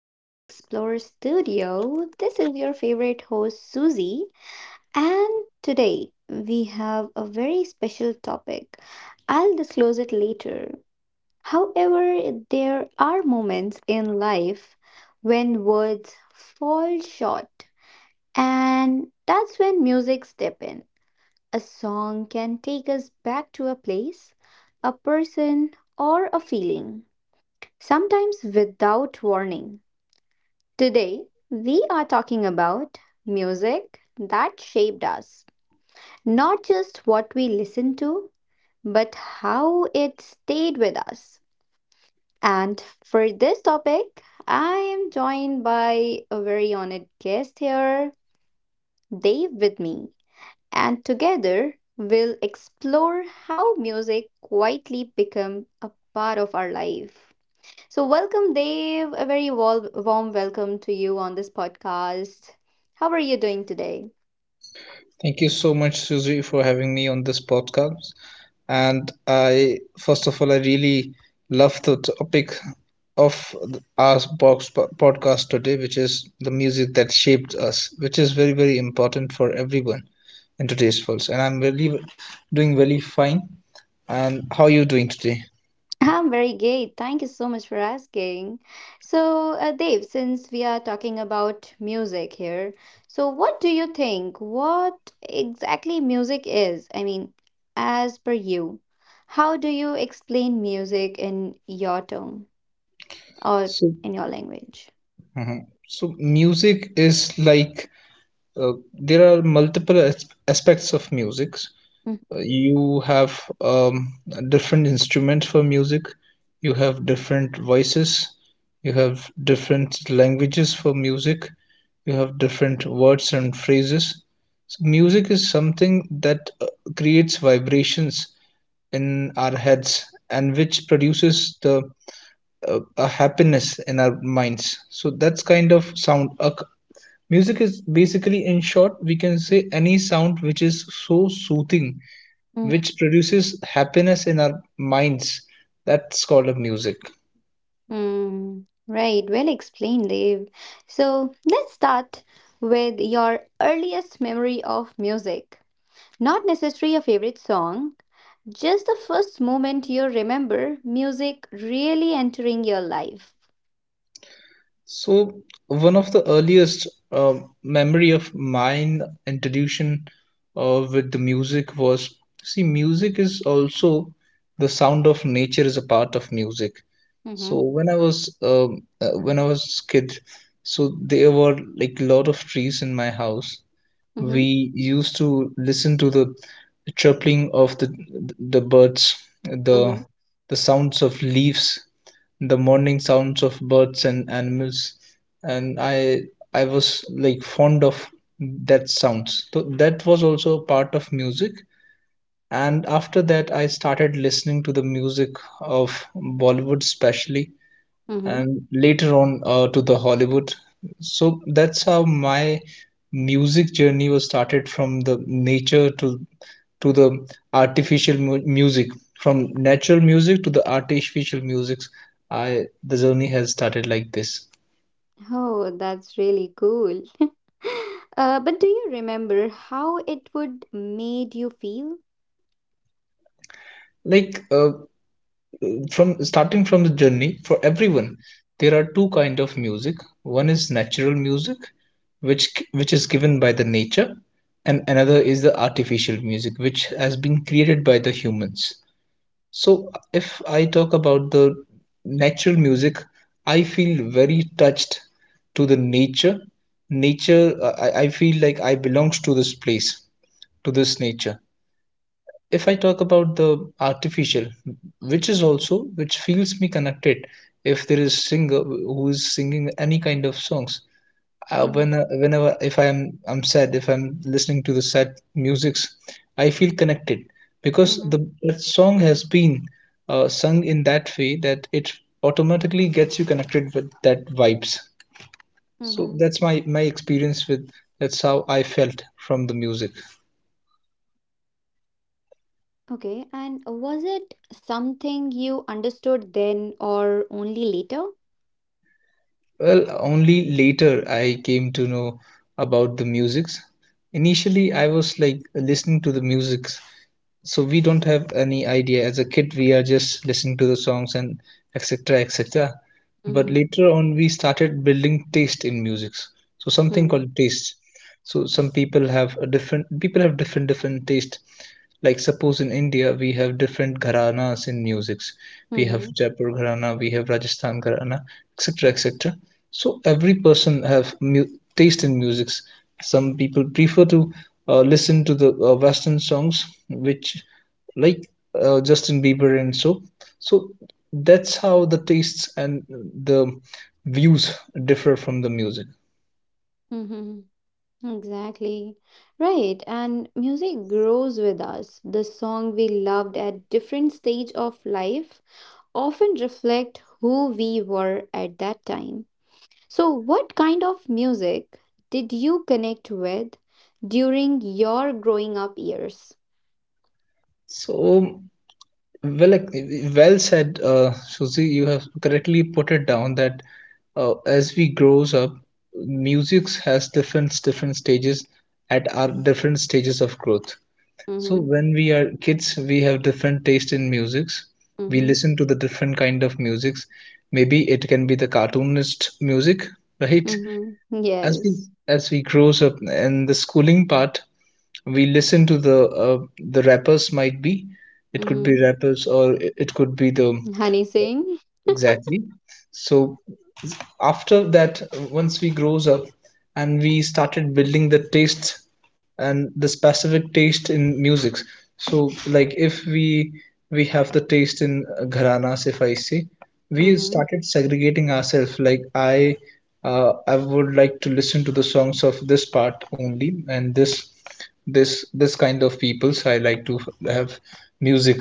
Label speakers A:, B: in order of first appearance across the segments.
A: to Explore Studio. This is your favorite host Susie, and today we have a very special topic. I'll disclose it later. However, there are moments in life when words fall short, and that's when music step in. A song can take us back to a place, a person, or a feeling sometimes without warning. Today, we are talking about music that shaped us, not just what we listened to, but how it stayed with us. And for this topic, I am joined by a very honored guest here, Dave, with me. And together, we'll explore how music quietly become a part of our life. So, welcome, Dave. A very warm welcome to you on this podcast. How are you doing today?
B: Thank you so much, Suzy, for having me on this podcast. And first of all, I really love the topic of our box podcast today, which is the music that shaped us, which is very, very important for everyone in today's world. And I'm really doing really fine. And how are you doing today?
C: I'm very great. Thank you so much for asking. So, Dave, since we are talking about music here, so what do you think? What exactly music is? I mean, as per you, how do you explain music in your term or
B: So,
C: in your language?
B: Mhm. So music is like uh, there are multiple aspects of music. You have different instruments for music, you have different voices, you have different languages for music, you have different words and phrases. So music is something that creates vibrations in our heads and which produces the a happiness in our minds. So that's kind of sound. Music is basically, in short, we can say any sound which is so soothing, which produces happiness in our minds. That's called a music.
C: Mm-hmm. Right, well explained, Dave. So, let's start with your earliest memory of music. Not necessarily a favorite song, just the first moment you remember music really entering your life.
B: So one of the earliest memory of mine, introduction with the music, was, see, music is also, the sound of nature is a part of music. So
C: Mm-hmm.
B: when I was when I was kid, so there were like a lot of trees in my house.
C: Mm-hmm.
B: We used to listen to the chirping of the birds, the
C: Mm-hmm.
B: the sounds of leaves, the morning sounds of birds and animals, and I was like fond of that sounds. So that was also a part of music. And after that, I started listening to the music of Bollywood, especially,
C: Mm-hmm.
B: and later on to the Hollywood. So that's how my music journey was started, from the nature to the artificial music, from natural music to the artificial musics. I the journey has started like this.
C: Oh, that's really cool. But do you remember how it would made you feel?
B: Like uh, from starting from the journey, for everyone there are two kind of music. One is natural music, which which is given by the nature, and another is the artificial music which has been created by the humans. So, if I talk about the natural music, I feel very touched to the nature. Nature, I feel like I belongs to this place, to this nature. If I talk about the artificial, which is also which feels me connected, if there is singer who is singing any kind of songs,
C: Mm-hmm.
B: when whenever if I am I'm sad, if I'm listening to the sad musics, I feel connected because
C: Mm-hmm.
B: the that song has been sung in that way that it automatically gets you connected with that vibes. So
C: Mm-hmm.
B: that's my experience with, that's how I felt from the music.
C: Okay. And was it something you understood then or only later?
B: Well, only later I came to know about the musics. Initially I was like listening to the music, so we don't have any idea. As a kid we are just listening to the songs and etc etc. But
C: Mm-hmm.
B: later on we started building taste in music. So something called taste. So some people have a different, people have different different taste. Like suppose in India we have different gharanas in musics. We have
C: Mm-hmm.
B: Jaipur gharana, we have Rajasthan gharana, etc etc. So every person have taste in musics. Some people prefer to listen to the western songs, which like Justin Bieber and so. So that's how the tastes and the views differ from the music.
C: Mm-hmm. Exactly. Right. And music grows with us. The song we loved at different stage of life often reflect who we were at that time. So what kind of music did you connect with during your growing up years?
B: So, well, like, well said, Susie. You have correctly put it down that as we grows up, music has different different stages at our different stages of growth. So
C: Mm-hmm.
B: when we are kids, we have different taste in musics. We
C: Mm-hmm.
B: listen to the different kind of musics. Maybe it can be the cartoonist music, right?
C: Mm-hmm.
B: As we
C: Yes.
B: as we grows up in the schooling part, we listen to the rappers, might be. It could
C: Mm-hmm.
B: be rappers or it could be the,
C: Honey Singh.
B: exactly. So after that, once we grows up and we started building the taste, and the specific taste in music, so like if we we have the taste in gharanas, if I say, we
C: Mm-hmm.
B: started segregating ourselves like I, I would like to listen to the songs of this part only, and this kind of peoples I like to have music.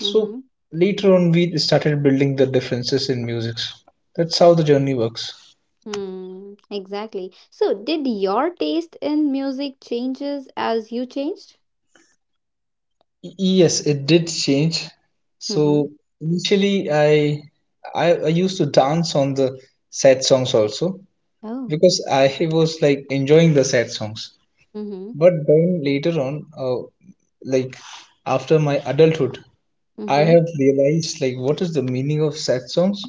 B: So
C: Mm-hmm.
B: later on, we started building the differences in musics. That's how the journey works.
C: Hmm, exactly. So, did your taste in music changes as you changed?
B: Yes, it did change.
C: Mm-hmm.
B: So initially, I used to dance on the sad songs also,
C: Oh.
B: because I was like enjoying the sad songs.
C: Mm-hmm.
B: But then later on, like after my adulthood, I
C: Mm-hmm.
B: have realized like what is the meaning of sad songs,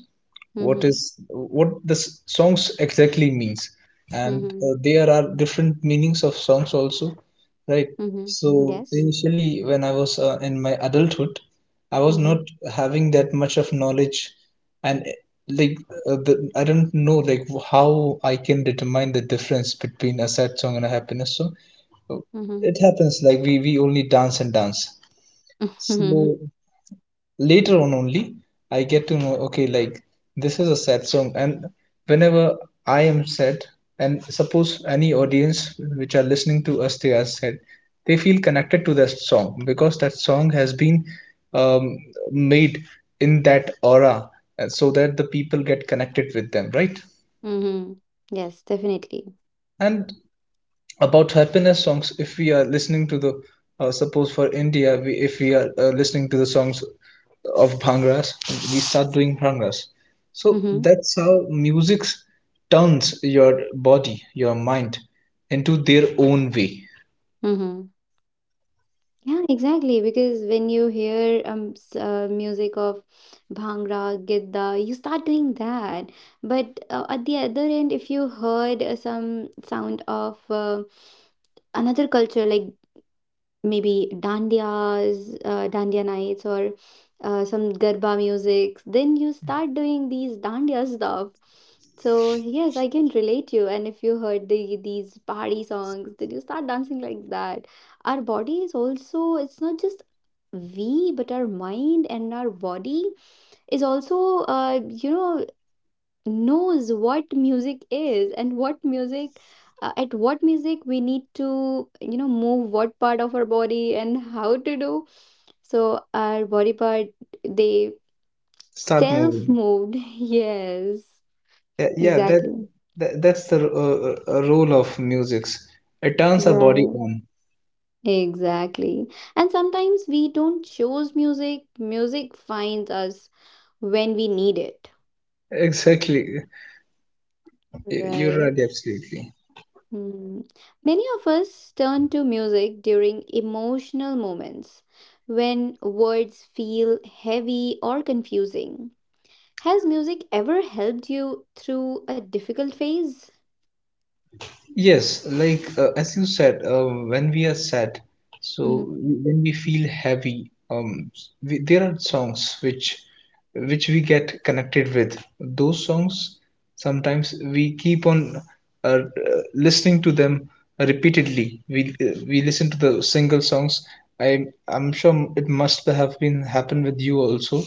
B: what
C: Mm-hmm.
B: is what the songs exactly means, and
C: Mm-hmm.
B: there are different meanings of songs also, right?
C: Mm-hmm.
B: So
C: Yes.
B: initially when I was in my adulthood, I was not
C: Mm-hmm.
B: having that much of knowledge, and like I don't know like how I can determine the difference between a sad song and a happiness song. Uh,
C: Mm-hmm.
B: it happens like we only dance and dance. So later on only I get to know, okay, like this is a sad song, and whenever I am sad, and suppose any audience which are listening to us, they are sad, they feel connected to that song because that song has been um, made in that aura, so that the people get connected with them, right?
C: Mm-hmm. Yes, definitely.
B: And about happiness songs, if we are listening to the suppose for India we, if we are listening to the songs of bhangras, we start doing bhangras. So
C: Mm-hmm.
B: that's how music turns your body, your mind, into their own way.
C: Mm-hmm. Yeah, exactly. Because when you hear music of bhangra, gidda, you start doing that. But at the other end, if you heard some sound of another culture like maybe dandiyas, dandiya nights, or some garba music, then you start doing these dandiya stuff. So yes, I can relate you. And if you heard the these party songs, then you start dancing like that. Our body is also, it's not just we, but our mind and our body is also, knows what music is and what music, at what music we need to, move what part of our body and how to do. So our body part, they
B: Start
C: self
B: moving.
C: moved. Yes,
B: Yeah, yeah, that,
C: exactly.
B: that that's the role of music. It turns our body
C: Right.
B: on.
C: Exactly. And sometimes we don't choose music. Music finds us when we need it.
B: Exactly. You're
C: Right.
B: right, absolutely.
C: Hmm. Many of us turn to music during emotional moments when words feel heavy or confusing. Has music ever helped you through a difficult phase?
B: Yes, like as you said, when we are sad, so
C: Mhm.
B: when we feel heavy, there are songs which we get connected with. Those songs, sometimes we keep on listening to them repeatedly. We listen to the single songs. I'm sure it must have been happened with you also.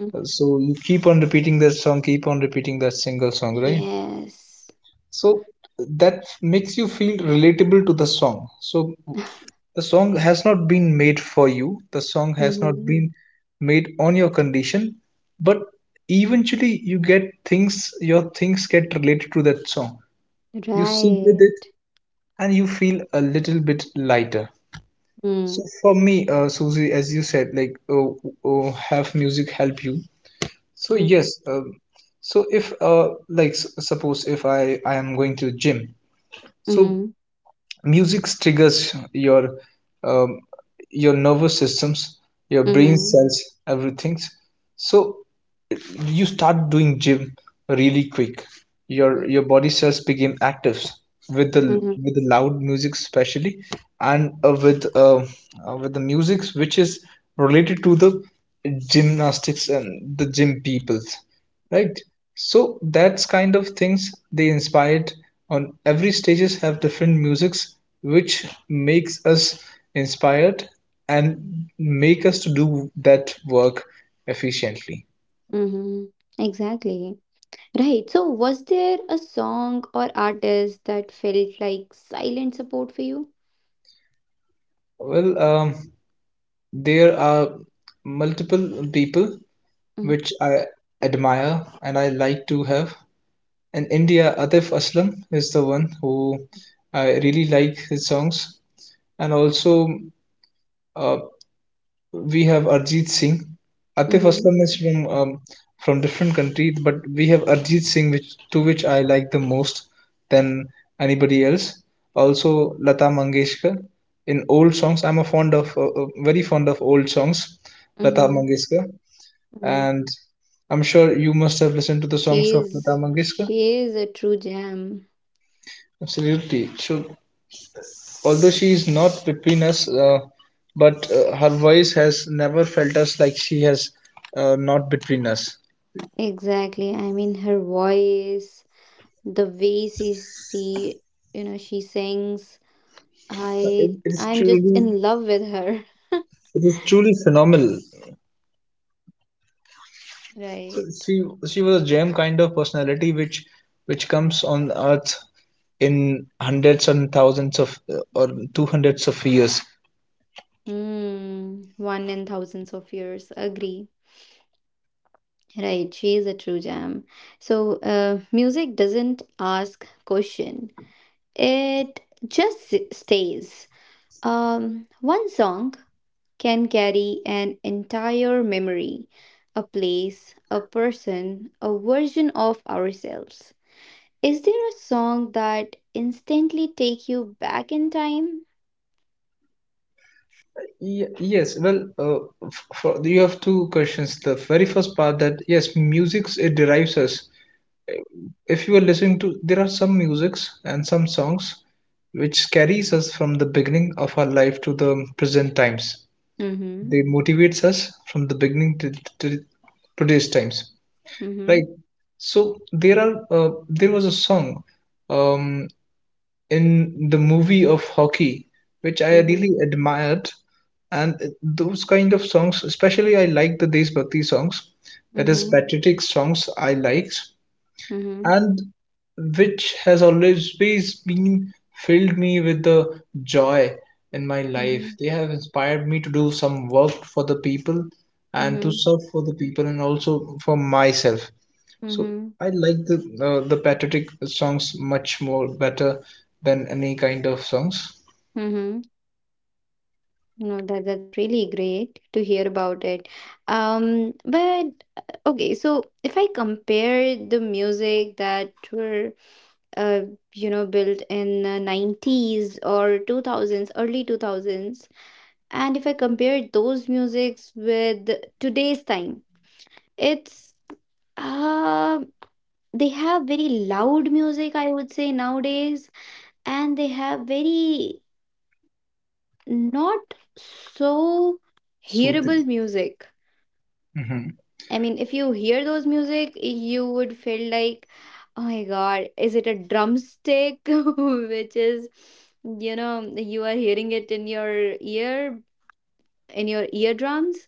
C: Mhm.
B: So you keep on repeating that song, keep on repeating that single song, right?
C: Yes.
B: So that makes you feel relatable to the song. So the song has not been made for you, the song has not
C: Mm-hmm.
B: been made on your condition, but eventually you get things, your things get related to that song, you sing with it
C: Right.
B: and you feel a little bit lighter. So
C: Mm.
B: for me, Susie, as you said like, oh, oh, have music help you, so
C: Mm-hmm.
B: yes, so if like suppose if I am going to the gym, so
C: Hmm.
B: music triggers um, your nervous systems, your brain
C: Mhm.
B: cells, everything. So you start doing gym really quick. Your body cells became active with the
C: Hmm.
B: with the loud music especially, and with the music which is related to the gymnastics and the gym peoples, right? So that's kind of things, they inspired. On every stages have different musics which makes us inspired and make us to do that work efficiently.
C: Mm-hmm. Exactly. Right. So, was there a song or artist that felt like silent support for you?
B: Well, there are multiple people which I admire and I like to have. In India, Atif Aslam is the one who I really like his songs, and also uh, we have Arjit Singh. Atif
C: Mm-hmm.
B: Aslam is from different country, but we have Arjit Singh, which to which I like the most than anybody else. Also Lata Mangeshkar. In old songs, I'm a fond of very fond of old songs, Lata
C: Mm-hmm.
B: Mangeshkar,
C: Mm-hmm.
B: and I'm sure you must have listened to the songs
C: She
B: of Lata
C: is
B: Mangeshkar.
C: she is a true gem.
B: Absolutely. So although she is not between us, but her voice has never felt us like she has not between us.
C: Exactly. I mean her voice, the way she you know she sings. I
B: It is
C: I'm just
B: truly,
C: in love with her.
B: it is truly phenomenal. So
C: Right.
B: she was a gem kind of personality which comes on earth in hundreds and thousands of or two hundreds of years.
C: Hmm. One in thousands of years. Agree. Right. She is a true gem. So music doesn't ask question. It just stays. One song can carry an entire memory, a place, a person, a version of ourselves. Is there a song that instantly take you back in time?
B: Yes, well, for, you have two questions. The very first part, that yes, music, it derives us, if you are listening to, there are some musics and some songs which carries us from the beginning of our life to the present times,
C: Mhm.
B: they motivates us from the beginning to today's times, right?
C: Mhm.
B: So there are there was a song um, in the movie of Hockey which I really
C: Mhm.
B: admired, and those kind of songs, especially I like the Desh Bhakti songs, that is
C: Mhm.
B: patriotic songs I like,
C: Mhm.
B: and which has always been filled me with the joy in my life.
C: Mhm.
B: They have inspired me to do some work for the people and to
C: Mhm.
B: serve for the people and also for myself. So
C: Mhm.
B: I like the patriotic songs much more better than any kind of songs.
C: Mhm. No, that's really great to hear about it. But uh, okay, so if I compare the music that were, uh, built in 90s or 2000s, early 2000s, and if I compare those musics with today's time, it's uh, they have very loud music, I would say, nowadays, and they have very not so
B: Soothing.
C: hearable music.
B: Hmm.
C: I mean, if you hear those music, you would feel like, oh my god, is it a drumstick? Which is, you are hearing it in your ear, in your eardrums.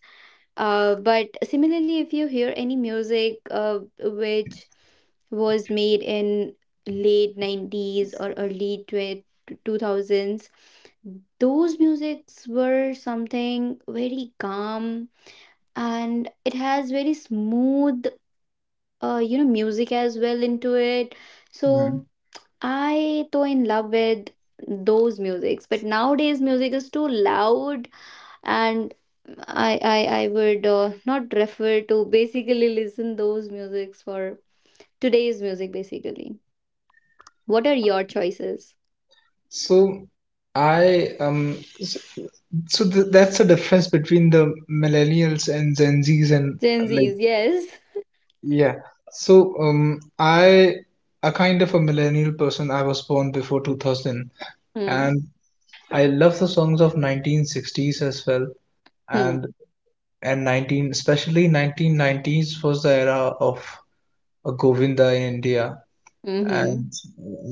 C: But similarly, if you hear any music which was made in late 90s or early 2000s, those musics were something very calm, and it has very smooth, music as well into it. So
B: Hmm.
C: I though in love with those musics, but nowadays music is too loud, and I would not prefer to basically listen those musics for today's music. Basically, what are your choices?
B: So I s- so th- that's the difference between the millennials and Gen Zs and,
C: Gen
B: like,
C: Z's. Yes.
B: yeah. So I a kind of a millennial person. I was born before 2000,
C: Hmm.
B: and I love the songs of 1960s as well,
C: Hmm.
B: and and 19 especially 1990s was the era of a Govinda in India.
C: Mm-hmm.
B: And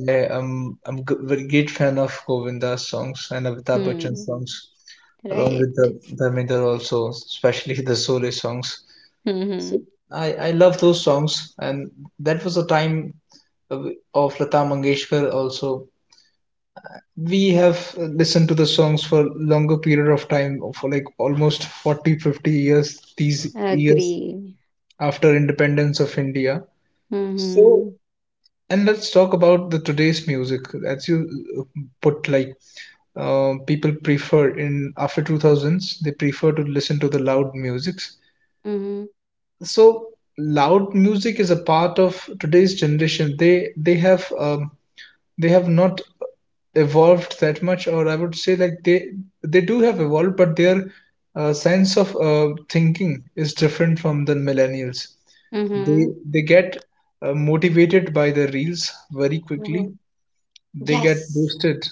B: I'm a very great fan of Govinda's songs and Amitabh Bachchan
C: Hmm.
B: songs, along with the
C: Right.
B: Dharminder also, especially the Sole songs.
C: Mm-hmm.
B: I love those songs, and that was a time of Lata Mangeshkar also. We have listened to the songs for longer period of time, for like almost 40, 50 years, these years
C: Agree.
B: after independence of India. So,
C: Mm-hmm.
B: and let's talk about the today's music, as you put like people prefer in after 2000s they prefer to listen to the loud musics.
C: Mm-hmm.
B: So loud music is a part of today's generation. They have they have not evolved that much, or I would say like they do have evolved, but their sense of thinking is different from the millennials. they
C: Mm-hmm.
B: they get motivated by the reels very quickly.
C: Mm-hmm.
B: They get
C: Yes.
B: boosted.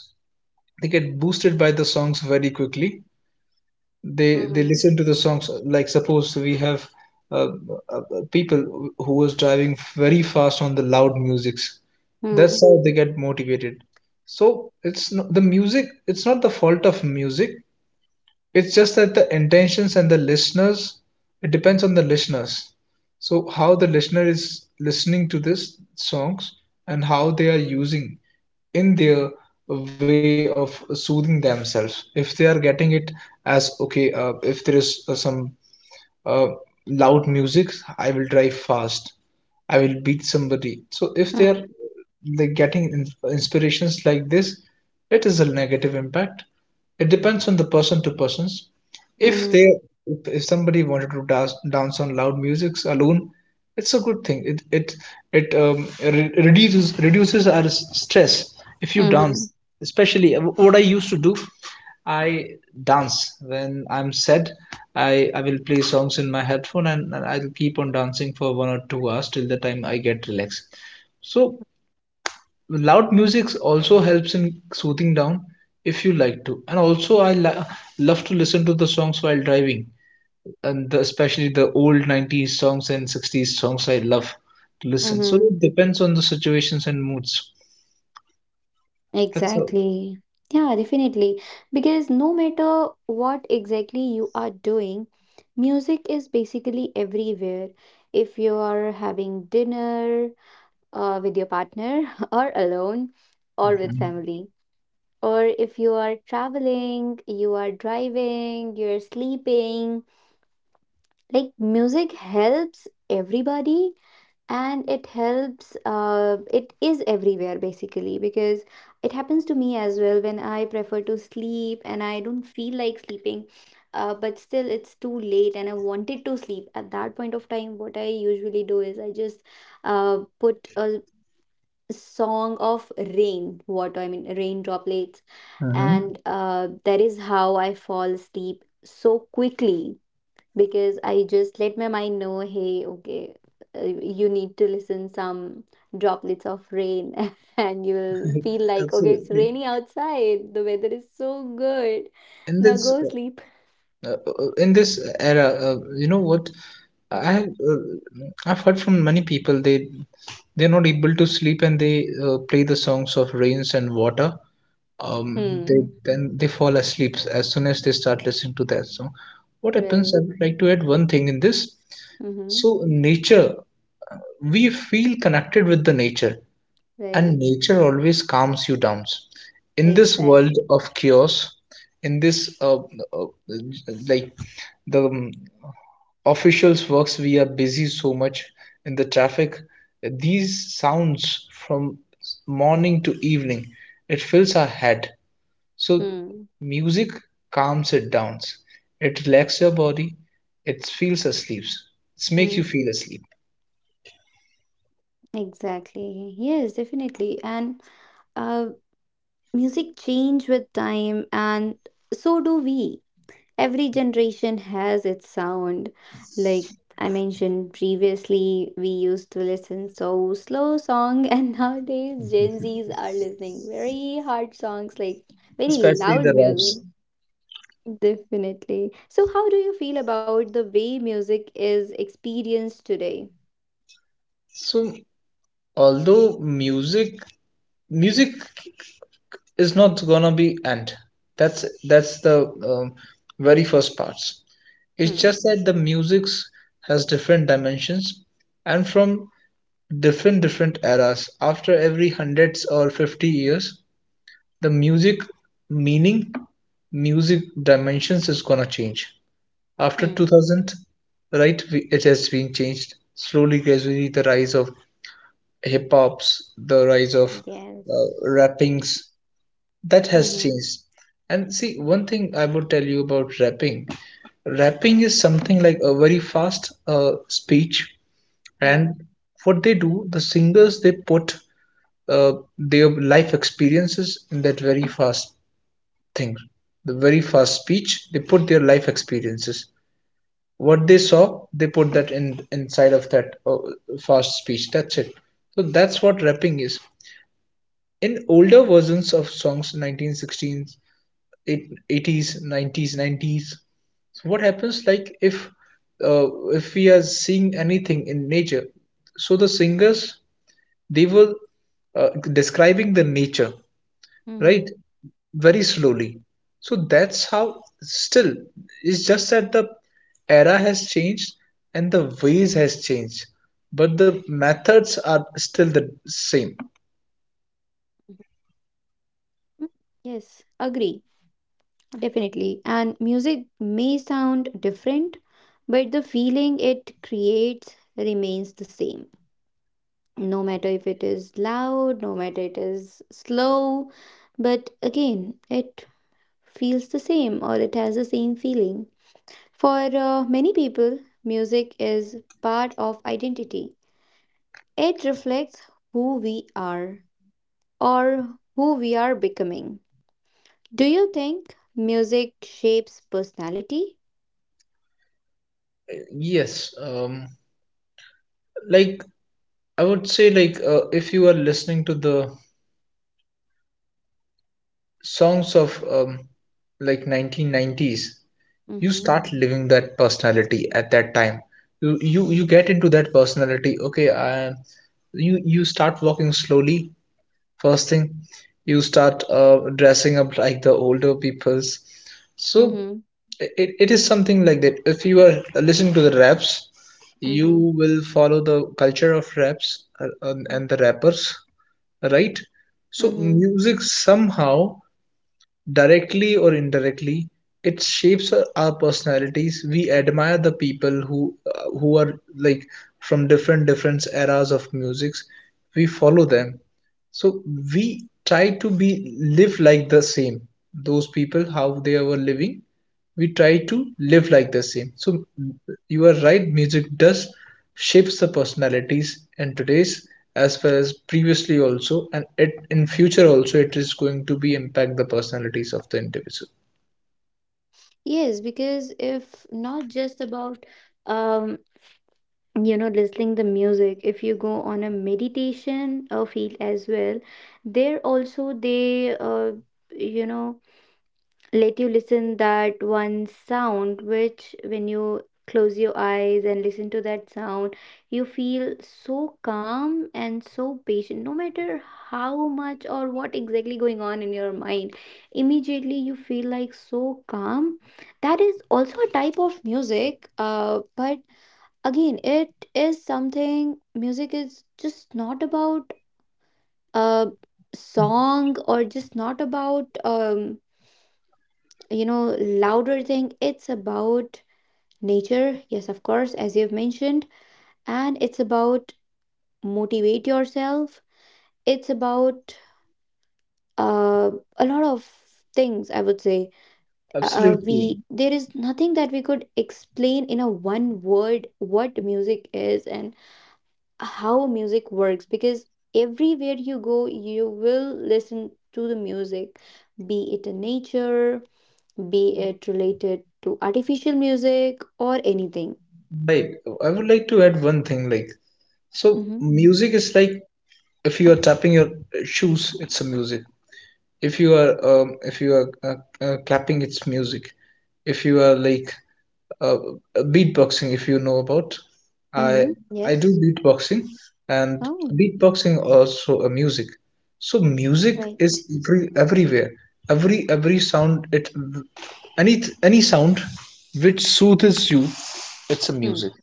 B: They get boosted by the songs very quickly. They
C: Mhm.
B: listen to the songs like suppose we have uh, people who was driving very fast on the loud musics. That's
C: Mm.
B: how they get motivated. So it's not, the music, it's not the fault of music, it's just that the intentions and the listeners, it depends on the listeners. So how the listener is listening to this songs, and how they are using in their way of soothing themselves. If they are getting it as okay, if there is some uh, loud music, I will drive fast. I will beat somebody. So if they
C: Mm.
B: are like getting inspirations like this, it is a negative impact. It depends on the person to persons. If
C: Mhm.
B: they if somebody wanted to dance, dance on loud music alone, it's a good thing. It reduces our stress if you
C: Mhm.
B: dance. Especially what I used to do, I dance when I'm sad. I will play songs in my headphone, and I'll keep on dancing for 1 or 2 hours till the time I get relaxed. So loud music also helps in soothing down if you like to. And also love to listen to the songs while driving, and the, especially the old 90s songs and 60s songs I love to listen. So
C: Mhm.
B: it depends on the situations and moods. That's how.
C: Exactly. Yeah, definitely. Because no matter what exactly you are doing, music is basically everywhere. If you are having dinner with your partner, or alone, or with
B: Mhm.
C: family, or if you are traveling, you are driving, you're sleeping, like music helps everybody, and it helps, it is everywhere basically, because it happens to me as well. When I prefer to sleep and I don't feel like sleeping, but still it's too late and I wanted to sleep, at that point of time what I usually do is I just put a song of rain water, I mean rain droplets,
B: Mhm.
C: and that is how I fall asleep so quickly, because I just let my mind know, hey, okay, you need to listen some droplets of rain, and you'll feel like, okay, it's
B: Absolutely.
C: raining outside. The weather is so good.
B: In
C: Now
B: this
C: go sleep.
B: in this era, you know what, I have
C: Mm.
B: I've heard from many people, they they're not able to sleep, and they play the songs of rains and water. They
C: Hmm.
B: then they fall asleep as soon as they start listening to that song. What happens, I
C: Right.
B: would like to add one thing in this.
C: Mm-hmm.
B: So nature, we feel connected with the nature, and
C: Right.
B: nature always calms you down in this world
C: Exactly.
B: of chaos. In this uh, like the officials works, we are busy so much in the traffic. These sounds from morning to evening, it fills our head. So
C: Hmm.
B: music calms it down. It relaxes your body. It feels asleep. It makes
C: Mm.
B: you feel asleep,
C: Exactly. Yes, definitely. And uh, music change with time, and so do we. Every generation has its sound. Like I mentioned previously, we used to listen so slow song, and nowadays Gen Zs are listening very hard songs, like very
B: especially
C: loud
B: the raps.
C: music. Definitely. So, how do you feel about the way music is experienced today?
B: So although music is not gonna be end. That's the very first parts. It's
C: Hmm.
B: just that the music has different dimensions and from different eras. After every hundreds or 50 years, the music meaning, music dimensions is gonna change. After
C: Hmm.
B: 2000, right, we- it has been changed slowly, gradually. The rise of hip hops, the rise of
C: Yes.
B: rappings, that has
C: Mm-hmm.
B: changed. And see, one thing I would tell you about rapping is something like a very fast speech.
C: Mm-hmm.
B: And what they do, the singers, they put uh, their life experiences in that very fast thing. The very first speech, they put their life experiences. What they saw, they put that in inside of that first speech. That's it. So that's what rapping is. In older versions of songs, 1916s, 80s, 90s. So what happens like if we are seeing anything in nature, so the singers, they were describing the nature,
C: Mm-hmm.
B: right? Very slowly. So that's how still, it's just that the era has changed and the ways has changed, but the methods are still the same.
C: Mm-hmm. Yes. Agree. Definitely. And music may sound different, but the feeling it creates remains the same. No matter if it is loud, no matter it is slow, but again, it feels the same or it has the same feeling. For many people, music is part of identity. It reflects who we are or who we are becoming. Do you think music shapes personality?
B: Yes, like I would say, like if you are listening to the songs of like 1990s, you
C: Mm-hmm.
B: start living that personality at that time. You get into that personality. Okay, I you start walking slowly, first thing. You start dressing up like the older peoples. So
C: Mm-hmm.
B: it is something like that. If you are listening to the raps, you
C: Mm-hmm.
B: will follow the culture of raps and
C: mm,
B: and the rappers, right? So
C: Mm-hmm.
B: music somehow directly or indirectly, it shapes our personalities. We admire the people who are like from different eras of musics. We follow them. So we try to be live like the same, those people how they were living, we try to live like the same. So you are right, music does shapes the personalities in today's as well as previously also, and it in future also, it is going to be impact the personalities of the individual.
C: Yes, because if not just about, um listening the music, if you go on a meditation field as well, there also they, you know let you listen that one sound, which when you close your eyes and listen to that sound you feel so calm and so patient, no matter how much or what exactly going on in your mind, immediately you feel like so calm. That is also a type of music, but again it is something. Music is just not about a song, or just not about, louder thing. It's about nature, yes, of course, as you've mentioned, and it's about motivate yourself. It's about, uh, a lot of things, I would say. We
B: Absolutely.
C: There is nothing that we could explain in a one word what music is and how music works, because everywhere you go you will listen to the music, be it in nature, be it related to artificial music or anything.
B: Like I would like to add one thing, like so
C: Mm-hmm.
B: music is like, if you are tapping your shoes, it's a music. If you are if you are clapping, it's music. If you are like uh, beatboxing, if you know about, i
C: Mm-hmm.
B: I do
C: Yes.
B: beatboxing. And
C: Oh,
B: beatboxing also a music. So music is
C: right.
B: everywhere. Every sound it, any sound which soothes you, it's a
C: Hmm.
B: music.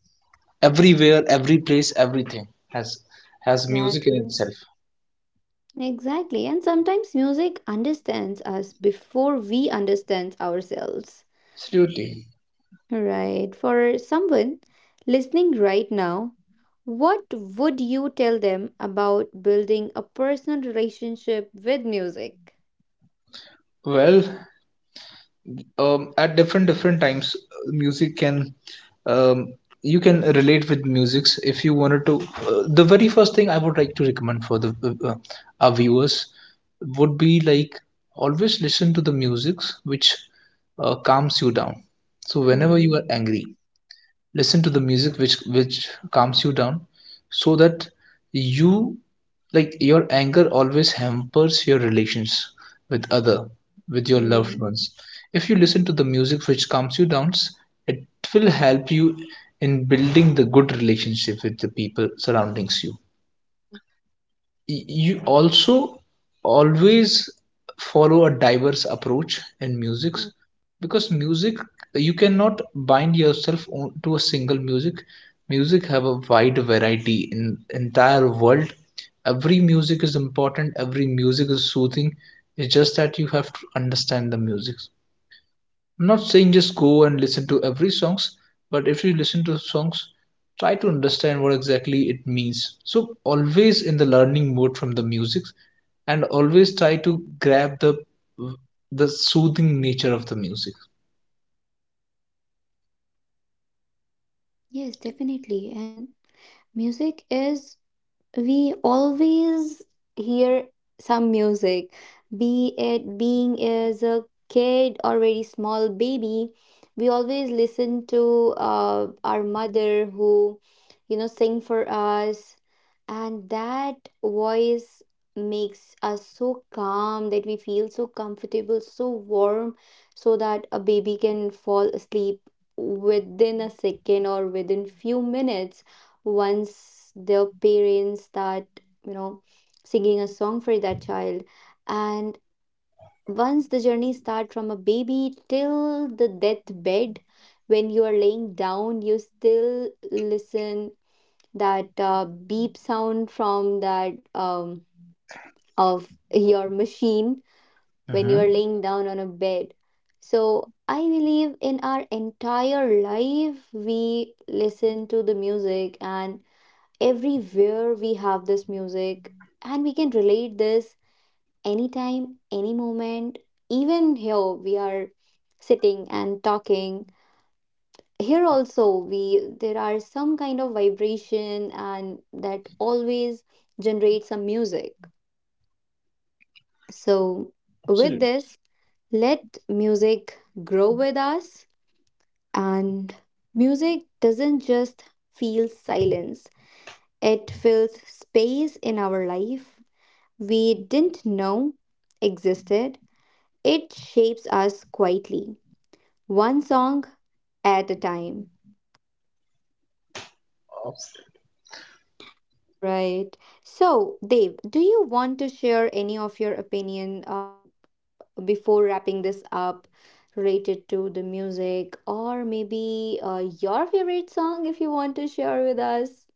B: Everywhere, every place, everything has music in
C: Exactly.
B: itself.
C: Exactly. And sometimes music understands us before we understand ourselves.
B: Absolutely.
C: Right. For someone listening right now, what would you tell them about building a personal relationship with music?
B: Well at different different times music can um, you can relate with musics if you wanted to the very first thing I would like to recommend for the our viewers would be like always listen to the musics which calms you down so whenever you
C: Mm-hmm.
B: are angry listen to the music which calms you down so that you like your anger always hampers your relations with other with your loved
C: Mm-hmm.
B: ones if you listen to the music which calms you down it will help you in building the good relationship with the people surroundings you Y- You also always follow a diverse approach in music because music you cannot bind yourself on- to a single music. Music have a wide variety in entire world. Every music is important. Every music is soothing. It's just that you have to understand the music. I'm not saying just go and listen to every songs, but if you listen to songs, try to understand what exactly it means. So always in the learning mode from the music, and always try to grab the soothing nature of the music.
C: Yes, definitely. And music is we always hear some music, be it being as a kid or very small baby. We always listen to our mother who, sing for us, and that voice makes us so calm that we feel so comfortable, so warm, so that a baby can fall asleep within a second or within few minutes once their parents start, you know singing a song for that child. And once the journey start from a baby till the deathbed, when you are laying down you still listen that beep sound from that, of your machine, when you are
B: Mm-hmm.
C: laying down on a bed. So I believe in our entire life we listen to the music, and everywhere we have this music, and we can relate this anytime, any moment. Even here, we are sitting and talking. Here also, we there are some kind of vibration, and that always generates some music. So with
B: Absolutely.
C: this, let music grow with us. And music doesn't just feel silence, it fills space in our life we didn't know existed. It shapes us quietly, one song at a time. Right. So, Dave, do you want to share any of your opinion, before wrapping this up, related to the music, or maybe your favorite song if you want to share with us?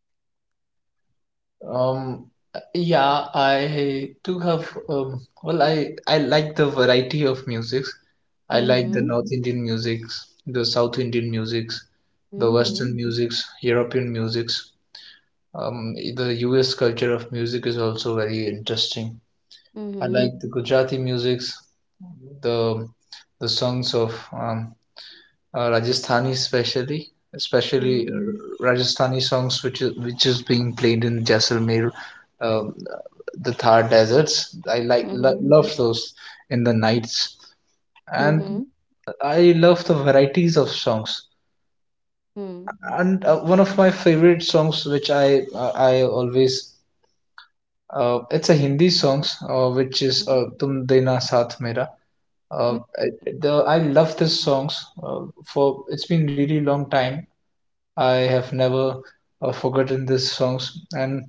B: Um, yeah, I do have. Well, I like the variety of musics. I like the, mm,
C: Mm-hmm.
B: North Indian musics, the South Indian musics, the
C: Mm-hmm.
B: Western, mm, musics, European musics. The U.S. culture of music is also very interesting. I
C: Mm-hmm.
B: like, mm, the Gujarati musics, the the songs of Rajasthani especially, especially
C: Mm-hmm.
B: Rajasthani songs which is being played in Jaisalmer, um, the Thar deserts. I like
C: Mm-hmm.
B: love those in the nights, and
C: Mm-hmm.
B: I love the varieties of songs.
C: Mm-hmm.
B: And one of my favorite songs, which I always it's a Hindi songs which is
C: Mm-hmm.
B: Tum Dena Saath Mera. I- the I love this songs for it's been really long time. I have never forgotten these songs. And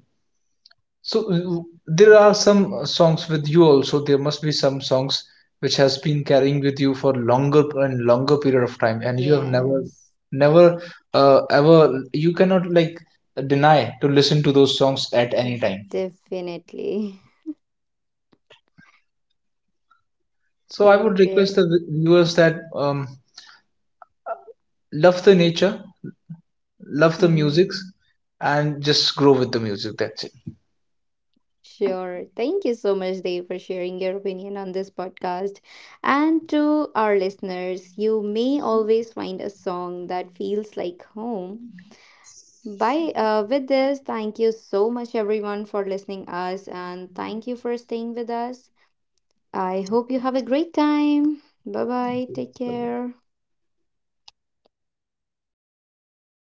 B: so there are some songs with you also. There must be some songs which has been carrying with you for longer and longer period of time, and you have never,
C: Yes.
B: never, ever. You cannot like deny to listen to those songs at any
C: Mm.
B: time.
C: Definitely.
B: So I
C: So
B: would request
C: the
B: the viewers that love the nature, love the music,
C: Mhm.
B: and just grow with the music. That's it.
C: Sure. Thank you so much, Dave, for sharing your opinion on this podcast. And to our listeners, you may always find a song that feels like home. By With this, thank you so much everyone for listening us, and thank you for staying with us. I hope you have a great time. Bye bye. Take care.